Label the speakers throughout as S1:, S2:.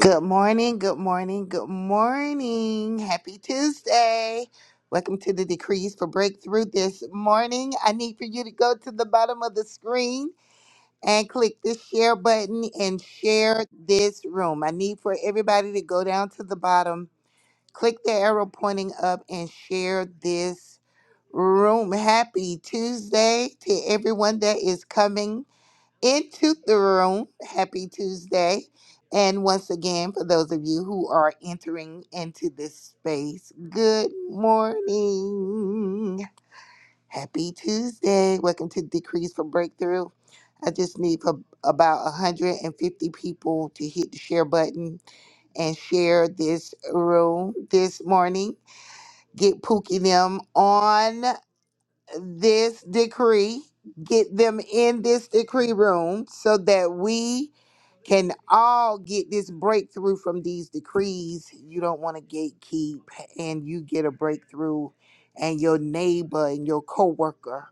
S1: Good morning, good morning, good morning. Happy Tuesday. Welcome to the Decrees for Breakthrough this morning. I need for you to go to the bottom of the screen and click the share button and share this room. I need for everybody to go down to the bottom, click the arrow pointing up, and share this room. Happy Tuesday to everyone that is coming into the room. Happy Tuesday. And once again, for those of you who are entering into this space, good morning. Happy Tuesday. Welcome to Decrees for Breakthrough. I just need for about 150 people to hit the share button and share this room this morning. Get Pookie them on this decree, get them in this decree room so that we can all get this breakthrough from these decrees. You don't want to gatekeep and you get a breakthrough and your neighbor and your coworker,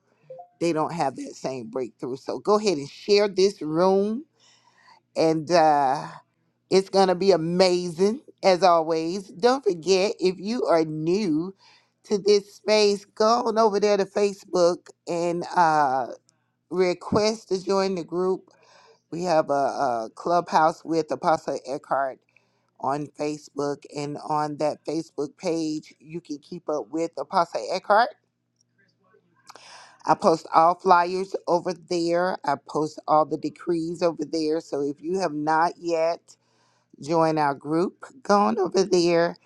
S1: they don't have that same breakthrough. So go ahead and share this room and uh, it's going to be amazing as always. Don't forget, if you are new to this space, go on over there to Facebook and uh, request to join the group. We have a, a clubhouse with Apostle Eckhart on Facebook, and on that Facebook page, you can keep up with Apostle Eckhart. I post all flyers over there. I post all the decrees over there. So if you have not yet join our group. Go on over there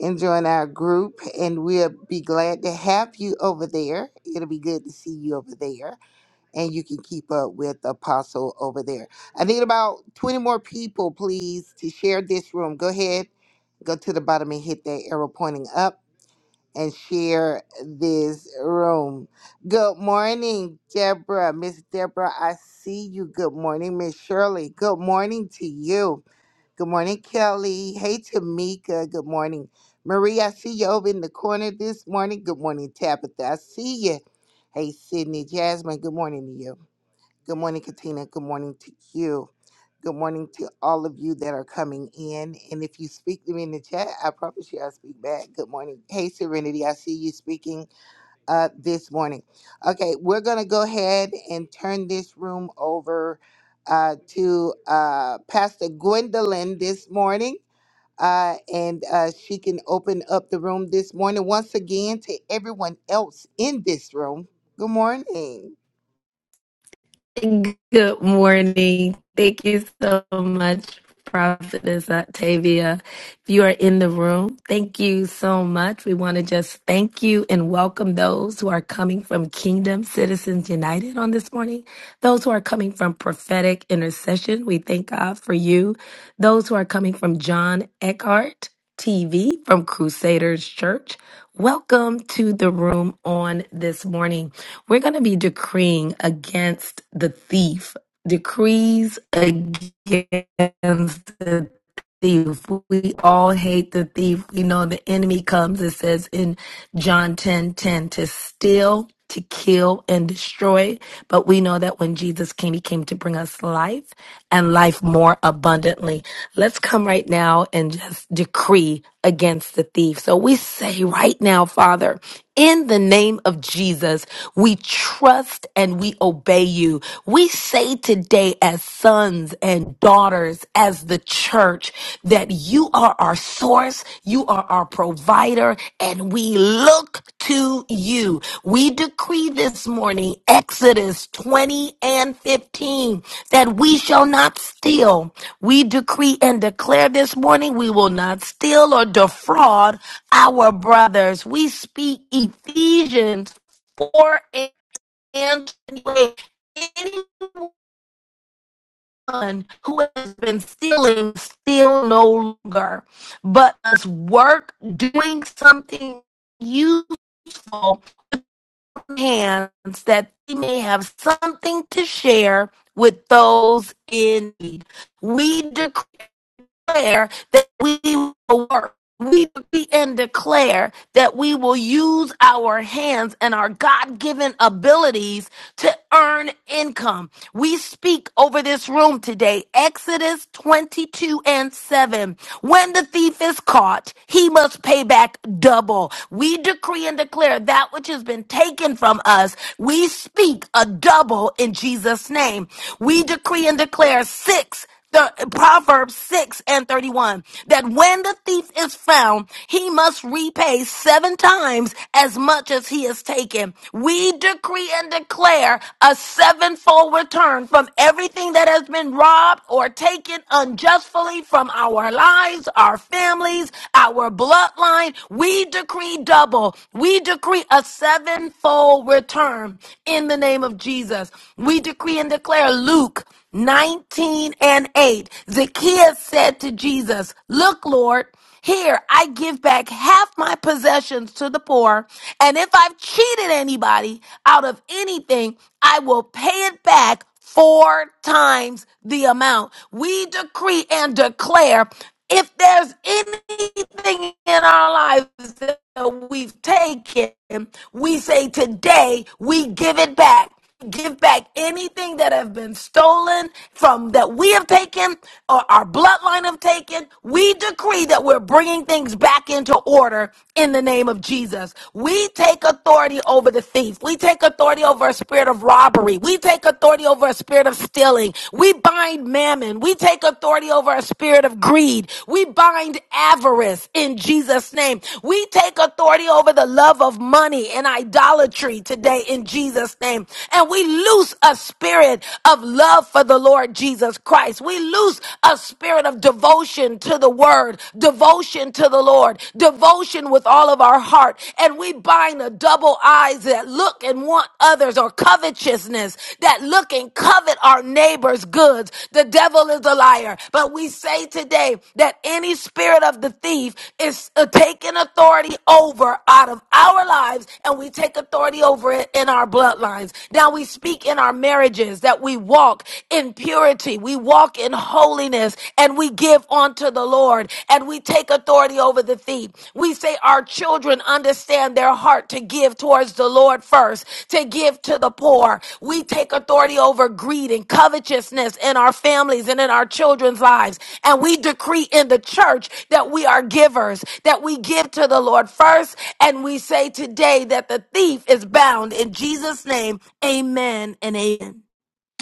S1: and join our group, and we'll be glad to have you over there. It'll be good to see you over there, and you can keep up with Apostle over there. I need about 20 more people, please, to share this room. Go ahead, go to the bottom and hit that arrow pointing up. And share this room. Good morning, Deborah. Miss Deborah, I see you. Good morning, Miss Shirley. Good morning to you. Good morning, Kelly. Hey, Tamika. Good morning, Marie. I see you over in the corner this morning. Good morning, Tabitha. I see you. Hey, Sydney, Jasmine. Good morning to you. Good morning, Katina. Good morning to you. Good morning to all of you that are coming in. And if you speak to me in the chat, I promise you I'll speak back. Good morning. Hey, Serenity. I see you speaking uh, this morning. Okay, we're going to go ahead and turn this room over uh, to uh, Pastor Gwendolyn this morning. Uh, and uh, she can open up the room this morning once again to everyone else in this room. Good morning.
S2: Good morning. Thank you so much, Prophetess Octavia. If you are in the room, thank you so much. We want to just thank you and welcome those who are coming from Kingdom Citizens United on this morning. Those who are coming from prophetic intercession, we thank God for you. Those who are coming from John Eckhart TV from Crusaders Church, welcome to the room on this morning. We're going to be decreeing against the thief, decrees against the thief. We all hate the thief. We know the enemy comes, it says in John 10 10 to steal, to kill, and destroy. But we know that when Jesus came, he came to bring us life and life more abundantly. Let's come right now and just decree against the thief. So we say right now, Father, in the name of Jesus, we trust and we obey you. We say today, as sons and daughters, as the church, that you are our source, you are our provider, and we look to you. We decree this morning, Exodus 20 and 15, that we shall not steal. We decree and declare this morning, we will not steal or defraud our brothers. We speak Ephesians 4 and 28 one who has been stealing still no longer, but must work doing something useful with hands that they may have something to share with those in need. We decree declare that we will work. We decree and declare that we will use our hands and our God given abilities to earn income. We speak over this room today, Exodus 22 and 7. When the thief is caught, he must pay back double. We decree and declare that which has been taken from us. We speak a double in Jesus' name. We decree and declare six. The Proverbs 6 and 31 that when the thief is found, he must repay seven times as much as he has taken. We decree and declare a sevenfold return from everything that has been robbed or taken unjustly from our lives, our families, our bloodline. We decree double. We decree a sevenfold return in the name of Jesus. We decree and declare Luke. 19 and 8, Zacchaeus said to Jesus, Look, Lord, here I give back half my possessions to the poor, and if I've cheated anybody out of anything, I will pay it back four times the amount. We decree and declare if there's anything in our lives we've taken, we say today we give it back. Give back anything that have been stolen from that we have taken or our bloodline have taken. We decree that we're bringing things back into order in the name of Jesus. We take authority over the thief. We take authority over a spirit of robbery. We take authority over a spirit of stealing. We bind mammon. We take authority over a spirit of greed. We bind avarice in Jesus' name. We take authority over the love of money and idolatry today in Jesus' name. And we loose a spirit of love for the Lord Jesus Christ. We loose a spirit of devotion to the word, devotion to the Lord, devotion with all of our heart. And we bind a double double eyes that look and want others or covetousness that look and covet our neighbor's goods. The devil is a liar. But we say today that any spirit of the thief is uh, taking authority over out of our lives and we take authority over it in our bloodlines. Now we speak in our marriages that we walk in purity. We walk in holiness and we give Onto the Lord, and we take authority over the thief. We say our children understand their heart to give towards the Lord first, to give to the poor. We take authority over greed and covetousness in our families and in our children's lives. And we decree in the church that we are givers, that we give to the Lord first. And we say today that the thief is bound in Jesus' name. Amen and amen.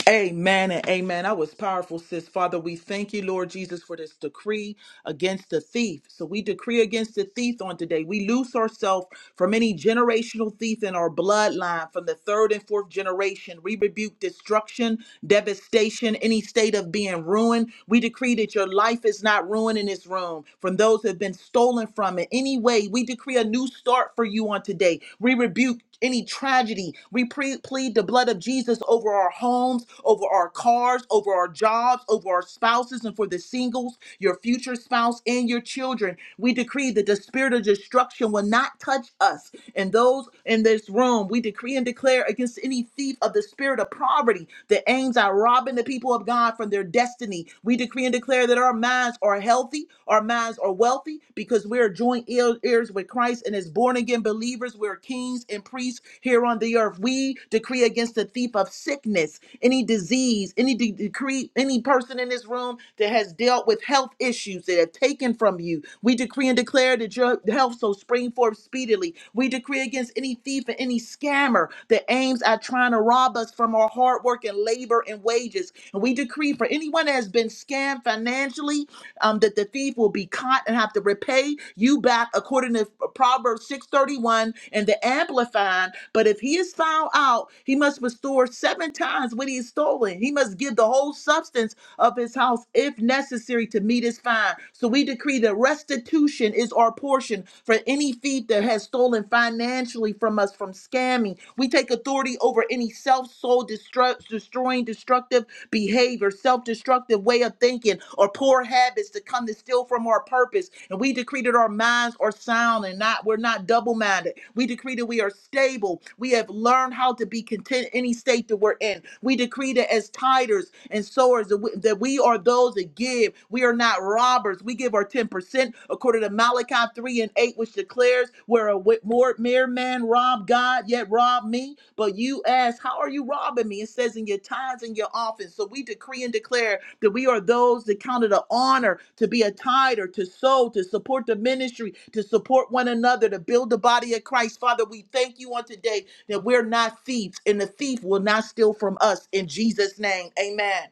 S3: Amen and amen. That was powerful, sis. Father, we thank you, Lord Jesus, for this decree against the thief. So we decree against the thief on today. We loose ourselves from any generational thief in our bloodline, from the third and fourth generation. We rebuke destruction, devastation, any state of being ruined. We decree that your life is not ruined in this room from those who have been stolen from in Any way, we decree a new start for you on today. We rebuke any tragedy. We pre- plead the blood of Jesus over our homes, over our cars, over our jobs, over our spouses, and for the singles, your future spouse, and your children. We decree that the spirit of destruction will not touch us and those in this room. We decree and declare against any thief of the spirit of poverty that aims at robbing the people of God from their destiny. We decree and declare that our minds are healthy, our minds are well wealthy because we are joint heir- heirs with Christ and as born again believers, we're kings and priests here on the earth. We decree against the thief of sickness, any disease, any de- decree, any person in this room that has dealt with health issues that have taken from you. We decree and declare that your health so spring forth speedily. We decree against any thief and any scammer that aims at trying to rob us from our hard work and labor and wages and We decree for anyone that has been scammed financially, um, that the thief will be caught and have to repay you back according to Proverbs 631 and the Amplified. But if he is found out, he must restore seven times what he has stolen. He must give the whole substance of his house if necessary to meet his fine. So we decree that restitution is our portion for any thief that has stolen financially from us from scammers scamming. We take authority over any self soul destruct, destroying, destructive behavior, self destructive way of thinking, or poor habits to come to steal from our purpose. And we decree that our minds are sound and not we're not double minded. We decree that we are stable. We have learned how to be content in any state that we're in. We decree that as tithers and sowers that we, that we are those that give. We are not robbers. We give our ten percent according to Malachi 3 and 8, which declares, Where a wi- more mere man robbed God, yet robbed me. But you ask, How are you robbing me? It says, In your tithes and your office. So we decree and declare that we are those that count it an honor to be a tither, to sow, to support the ministry, to support one another, to build the body of Christ. Father, we thank you on today that we're not thieves, and the thief will not steal from us. In Jesus' name, amen.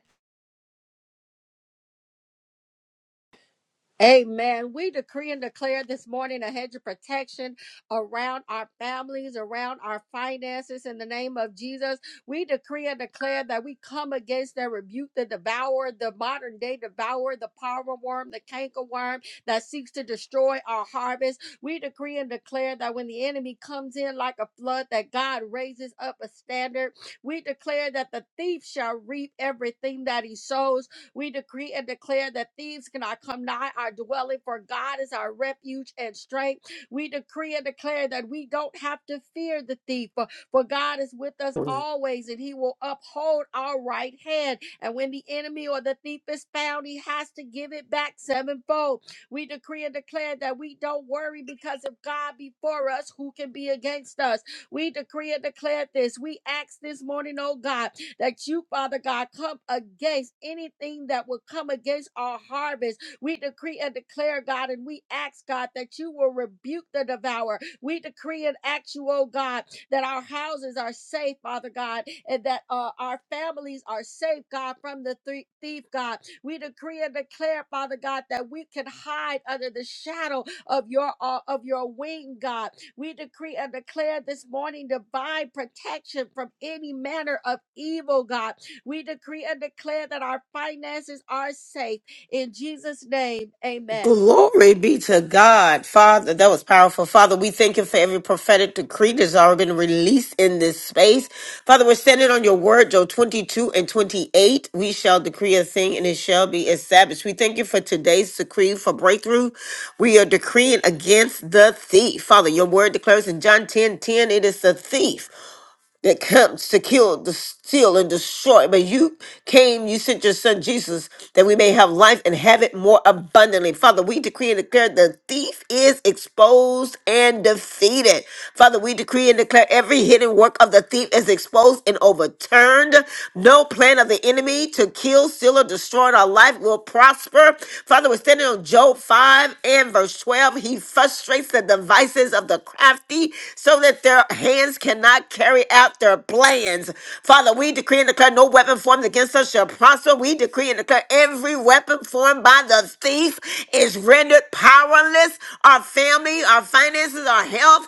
S4: Amen. We decree and declare this morning a hedge of protection around our families, around our finances in the name of Jesus. We decree and declare that we come against and rebuke the devourer, the modern day devourer, the power worm, the canker worm that seeks to destroy our harvest. We decree and declare that when the enemy comes in like a flood, that God raises up a standard. We declare that the thief shall reap everything that he sows we decree and declare that thieves cannot come nigh our dwelling, for God is our refuge and strength. We decree and declare that we don't have to fear the thief, for for God is with us always, and He will uphold our right hand. And when the enemy or the thief is found, He has to give it back sevenfold. We decree and declare that we don't worry because if God be for us, who can be against us? We decree and declare this. We ask this morning, oh God, that you, Father God, come against anything that will come against our harvest. We decree and declare, God, and we ask, God, that you will rebuke the devourer. We decree and ask you, oh God, that our houses are safe, Father God, and that uh, our families are safe, God, from the thre- thief, God. We decree and declare, Father God, that we can hide under the shadow of your uh, of your wing, God. We decree and declare this morning divine protection from any manner of evil, God. We decree and declare that our finances are safe in Jesus' name. Amen.
S5: Glory be to God, Father. That was powerful. Father, we thank you for every prophetic decree that's already been released in this space. Father, we're standing on your word, Joel 22 and 28. We shall decree a thing and it shall be established. We thank you for today's decree for breakthrough. We are decreeing against the thief. Father, your word declares in John 10 10, it is the thief. that comes to kill, to steal, and destroy. But you came, you sent your son Jesus that we may have life and have it more abundantly. Father, we decree and declare the thief is exposed and defeated. Father, we decree and declare every hidden work of the thief is exposed and overturned. No plan of the enemy to kill, steal, or destroy in our life will prosper. Father, we're standing on Job 5 and verse 12. He frustrates the devices of the crafty free so that their hands cannot carry out their plans. Father, we decree and declare no weapon formed against us shall prosper. We decree and declare every weapon formed by the thief is rendered powerless. Our family, our finances, our health,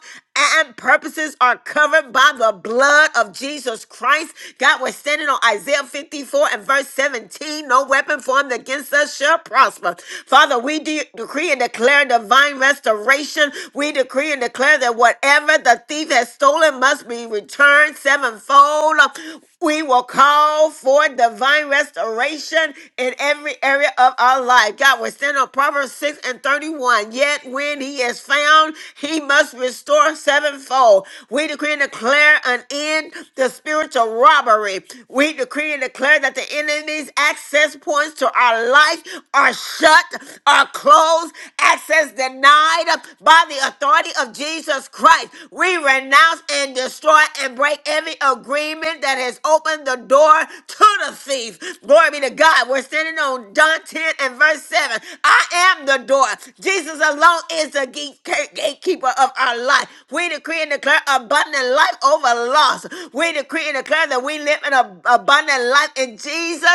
S5: and purposes are covered by the blood of Jesus Christ. God, we're standing on Isaiah 54 and verse 17. No weapon formed against us shall prosper. Father, we de- decree and declare divine restoration. We decree and declare that whatever the thief has stolen must be returned sevenfold. We will call for divine restoration in every area of our life. God, we stand on Proverbs 6 and 31. Yet when he is found, he must restore sevenfold. We decree and declare an end to spiritual robbery. We decree and declare that the enemy's access points to our life are shut shut or closed, access denied by the authority of Jesus Christ. We renounce and destroy and break every agreement that has opened the door to the thief. Glory be to God. We're standing on John 10 and verse 7. I am the door. Jesus alone is the gate- gatekeeper of our life. We decree and declare abundant life over loss. We decree and declare that we live an ab- abundant life in Jesus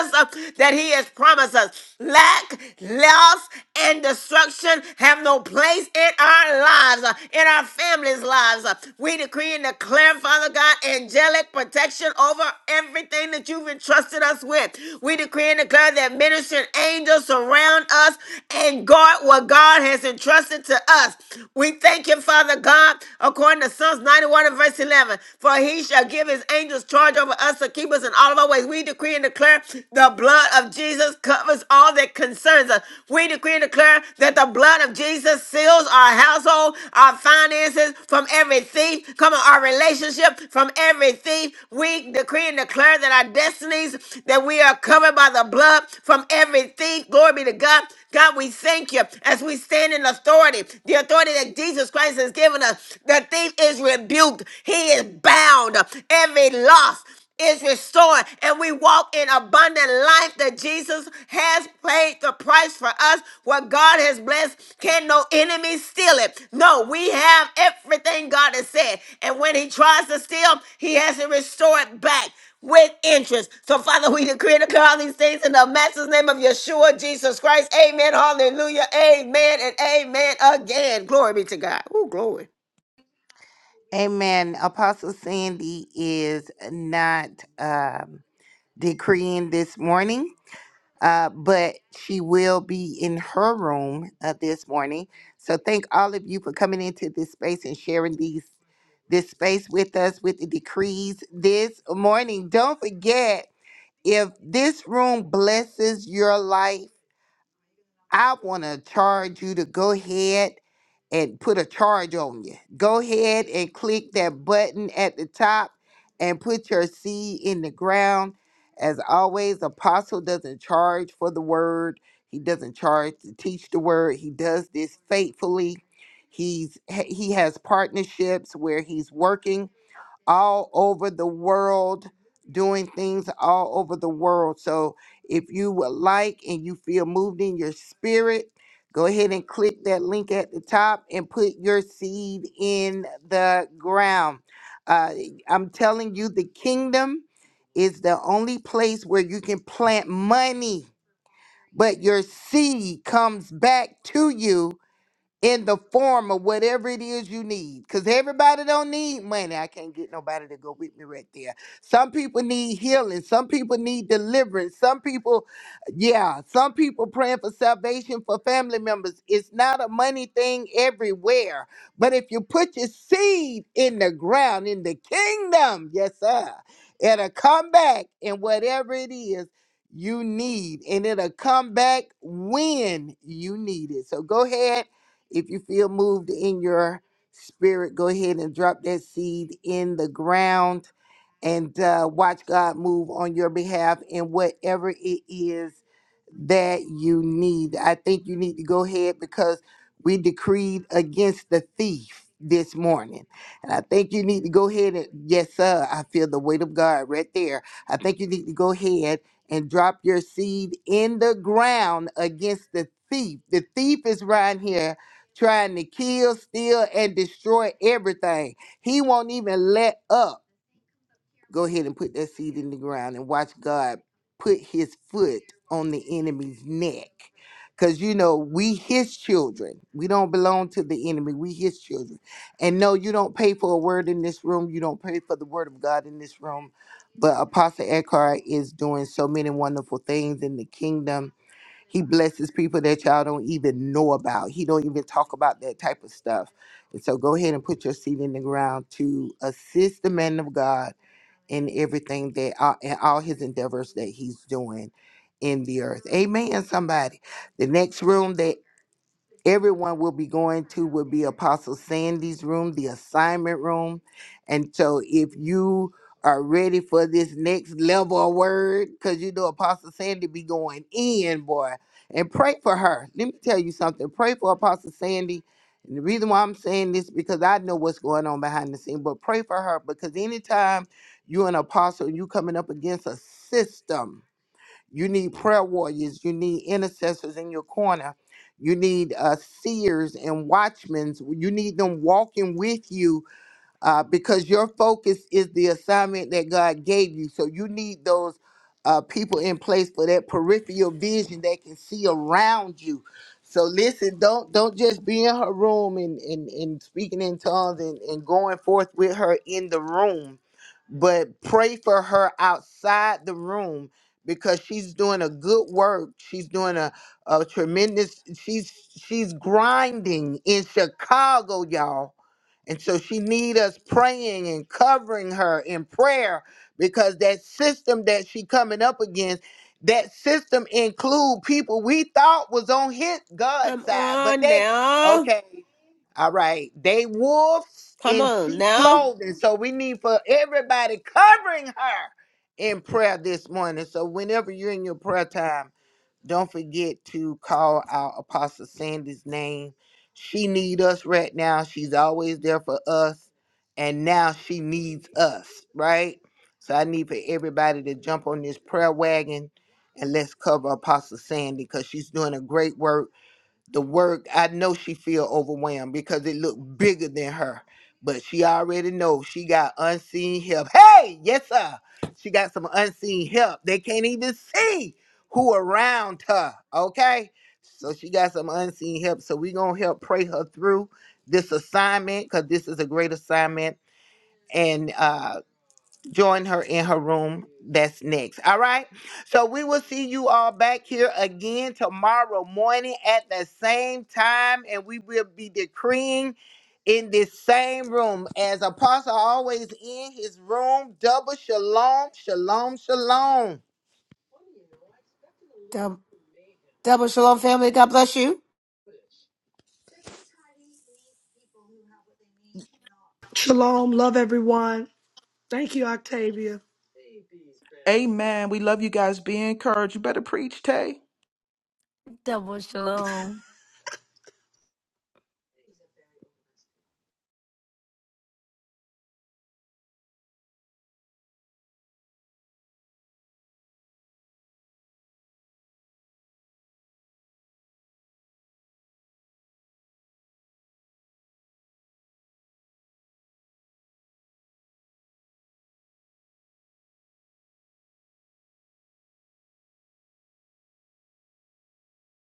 S5: that He has promised us. Lack, loss, and destruction have no place in our lives, uh, in our families' lives. uh. We decree and declare, Father God, angelic protection over everything that you've entrusted us with. We decree and declare that ministering angels surround us and guard what God has entrusted to us. We thank you, Father God, according to Psalms 91 and verse 11, for He shall give His angels charge over us to keep keep us in all of our ways. We decree and declare the blood of Jesus covers all that concerns us. We decree and declare that the blood of Jesus seals our household, our finances from every thief. Come on, our relationship from every thief. We decree and declare that our destinies, that we are covered by the blood from every thief. Glory be to God. God, we thank you as we stand in authority, the authority that Jesus Christ has given us. The thief is rebuked. He is bound. Every loss is restored and we walk in abundant life that Jesus has paid the price for us. What God has blessed, can no enemy steal it? No, we have everything God has said. And when he tries to steal, he has to restore it back with interest. So Father, we decree and declare all these things in the master's name of Yeshua, Jesus Christ. Amen. Hallelujah. Amen and amen again. Glory be to God. Oh, glory.
S1: Amen. Apostle Sandy is not um, decreeing this morning. uh, but she will be in her room uh, this morning. So thank all of you for coming into this space and sharing these this space with us with the decrees this morning. Don't forget if this room blesses your life, I want to charge you to go ahead and put a charge on you. Go ahead and click that button at the top and put your seed in the ground. As always, Apostle doesn't charge for the word, he doesn't charge to teach the word. He does this faithfully. He's he has partnerships where he's working all over the world, doing things all over the world. So if you would like and you feel moved in your spirit, go ahead and click that link at the top and put your seed in the ground. Uh, I'm telling you, the kingdom is the only place where you can plant money, but your seed comes back to you in the form of whatever it is you need because everybody don't need money i can't get nobody to go with me right there some people need healing some people need deliverance some people yeah some people praying for salvation for family members it's not a money thing everywhere but if you put your seed in the ground in the kingdom yes sir it'll come back in whatever it is you need and it'll come back when you need it so go ahead if you feel moved in your spirit, go ahead and drop that seed in the ground and uh, watch God move on your behalf in whatever it is that you need. I think you need to go ahead because we decreed against the thief this morning. And I think you need to go ahead and, yes, sir, I feel the weight of God right there. I think you need to go ahead and drop your seed in the ground against the thief. The thief is right here trying to kill, steal, and destroy everything. He won't even let up. Go ahead and put that seed in the ground and watch God put his foot on the enemy's neck. Because, you know, we his children. We don't belong to the enemy. We his children. And no, you don't pay for a word in this room. You don't pay for the word of God in this room. But Apostle Eckhart is doing so many wonderful things in the kingdom he blesses people that y'all don't even know about. He don't even talk about that type of stuff. And so go ahead and put your seed in the ground to assist the man of God in everything that uh, in all his endeavors that he's doing in the earth. Amen, somebody. The next room that everyone will be going to will be Apostle Sandy's room, the assignment room. And so if you are ready for this next level of word, because you know Apostle Sandy be going in, boy, and pray for her. Let me tell you something. Pray for Apostle Sandy. And the reason why I'm saying this because I know what's going on behind the scene, but pray for her because anytime you're an apostle and you coming up against a system, you need prayer warriors. You need intercessors in your corner. You need uh, seers and watchmen. You need them walking with you uh, because your focus is the assignment that God gave you. So you need those uh, people in place for that peripheral vision that can see around you. So listen, don't don't just be in her room and and, and speaking in tongues and, and going forth with her in the room, but pray for her outside the room because she's doing a good work. She's doing a, a tremendous she's she's grinding in Chicago, y'all and so she need us praying and covering her in prayer because that system that she coming up against, that system include people we thought was on his God's
S5: Come
S1: side, but
S5: on
S1: they
S5: now.
S1: okay, all right, they wolves
S5: Come
S1: in
S5: on
S1: sheep
S5: now.
S1: clothing. So we need for everybody covering her in prayer this morning. So whenever you're in your prayer time. Don't forget to call out Apostle Sandy's name. She need us right now. She's always there for us, and now she needs us, right? So I need for everybody to jump on this prayer wagon and let's cover Apostle Sandy because she's doing a great work the work i know she feel overwhelmed because it looked bigger than her but she already know she got unseen help hey yes sir she got some unseen help they can't even see who around her okay so she got some unseen help so we gonna help pray her through this assignment because this is a great assignment and uh join her in her room. That's next. All right. So we will see you all back here again tomorrow morning at the same time, and we will be decreeing in this same room. As Apostle always in his room, double shalom, shalom, shalom.
S5: Double shalom, family. God bless you.
S6: Shalom. Love everyone. Thank you, Octavia.
S3: Amen. We love you guys. Be encouraged. You better preach, Tay.
S2: Double shalom.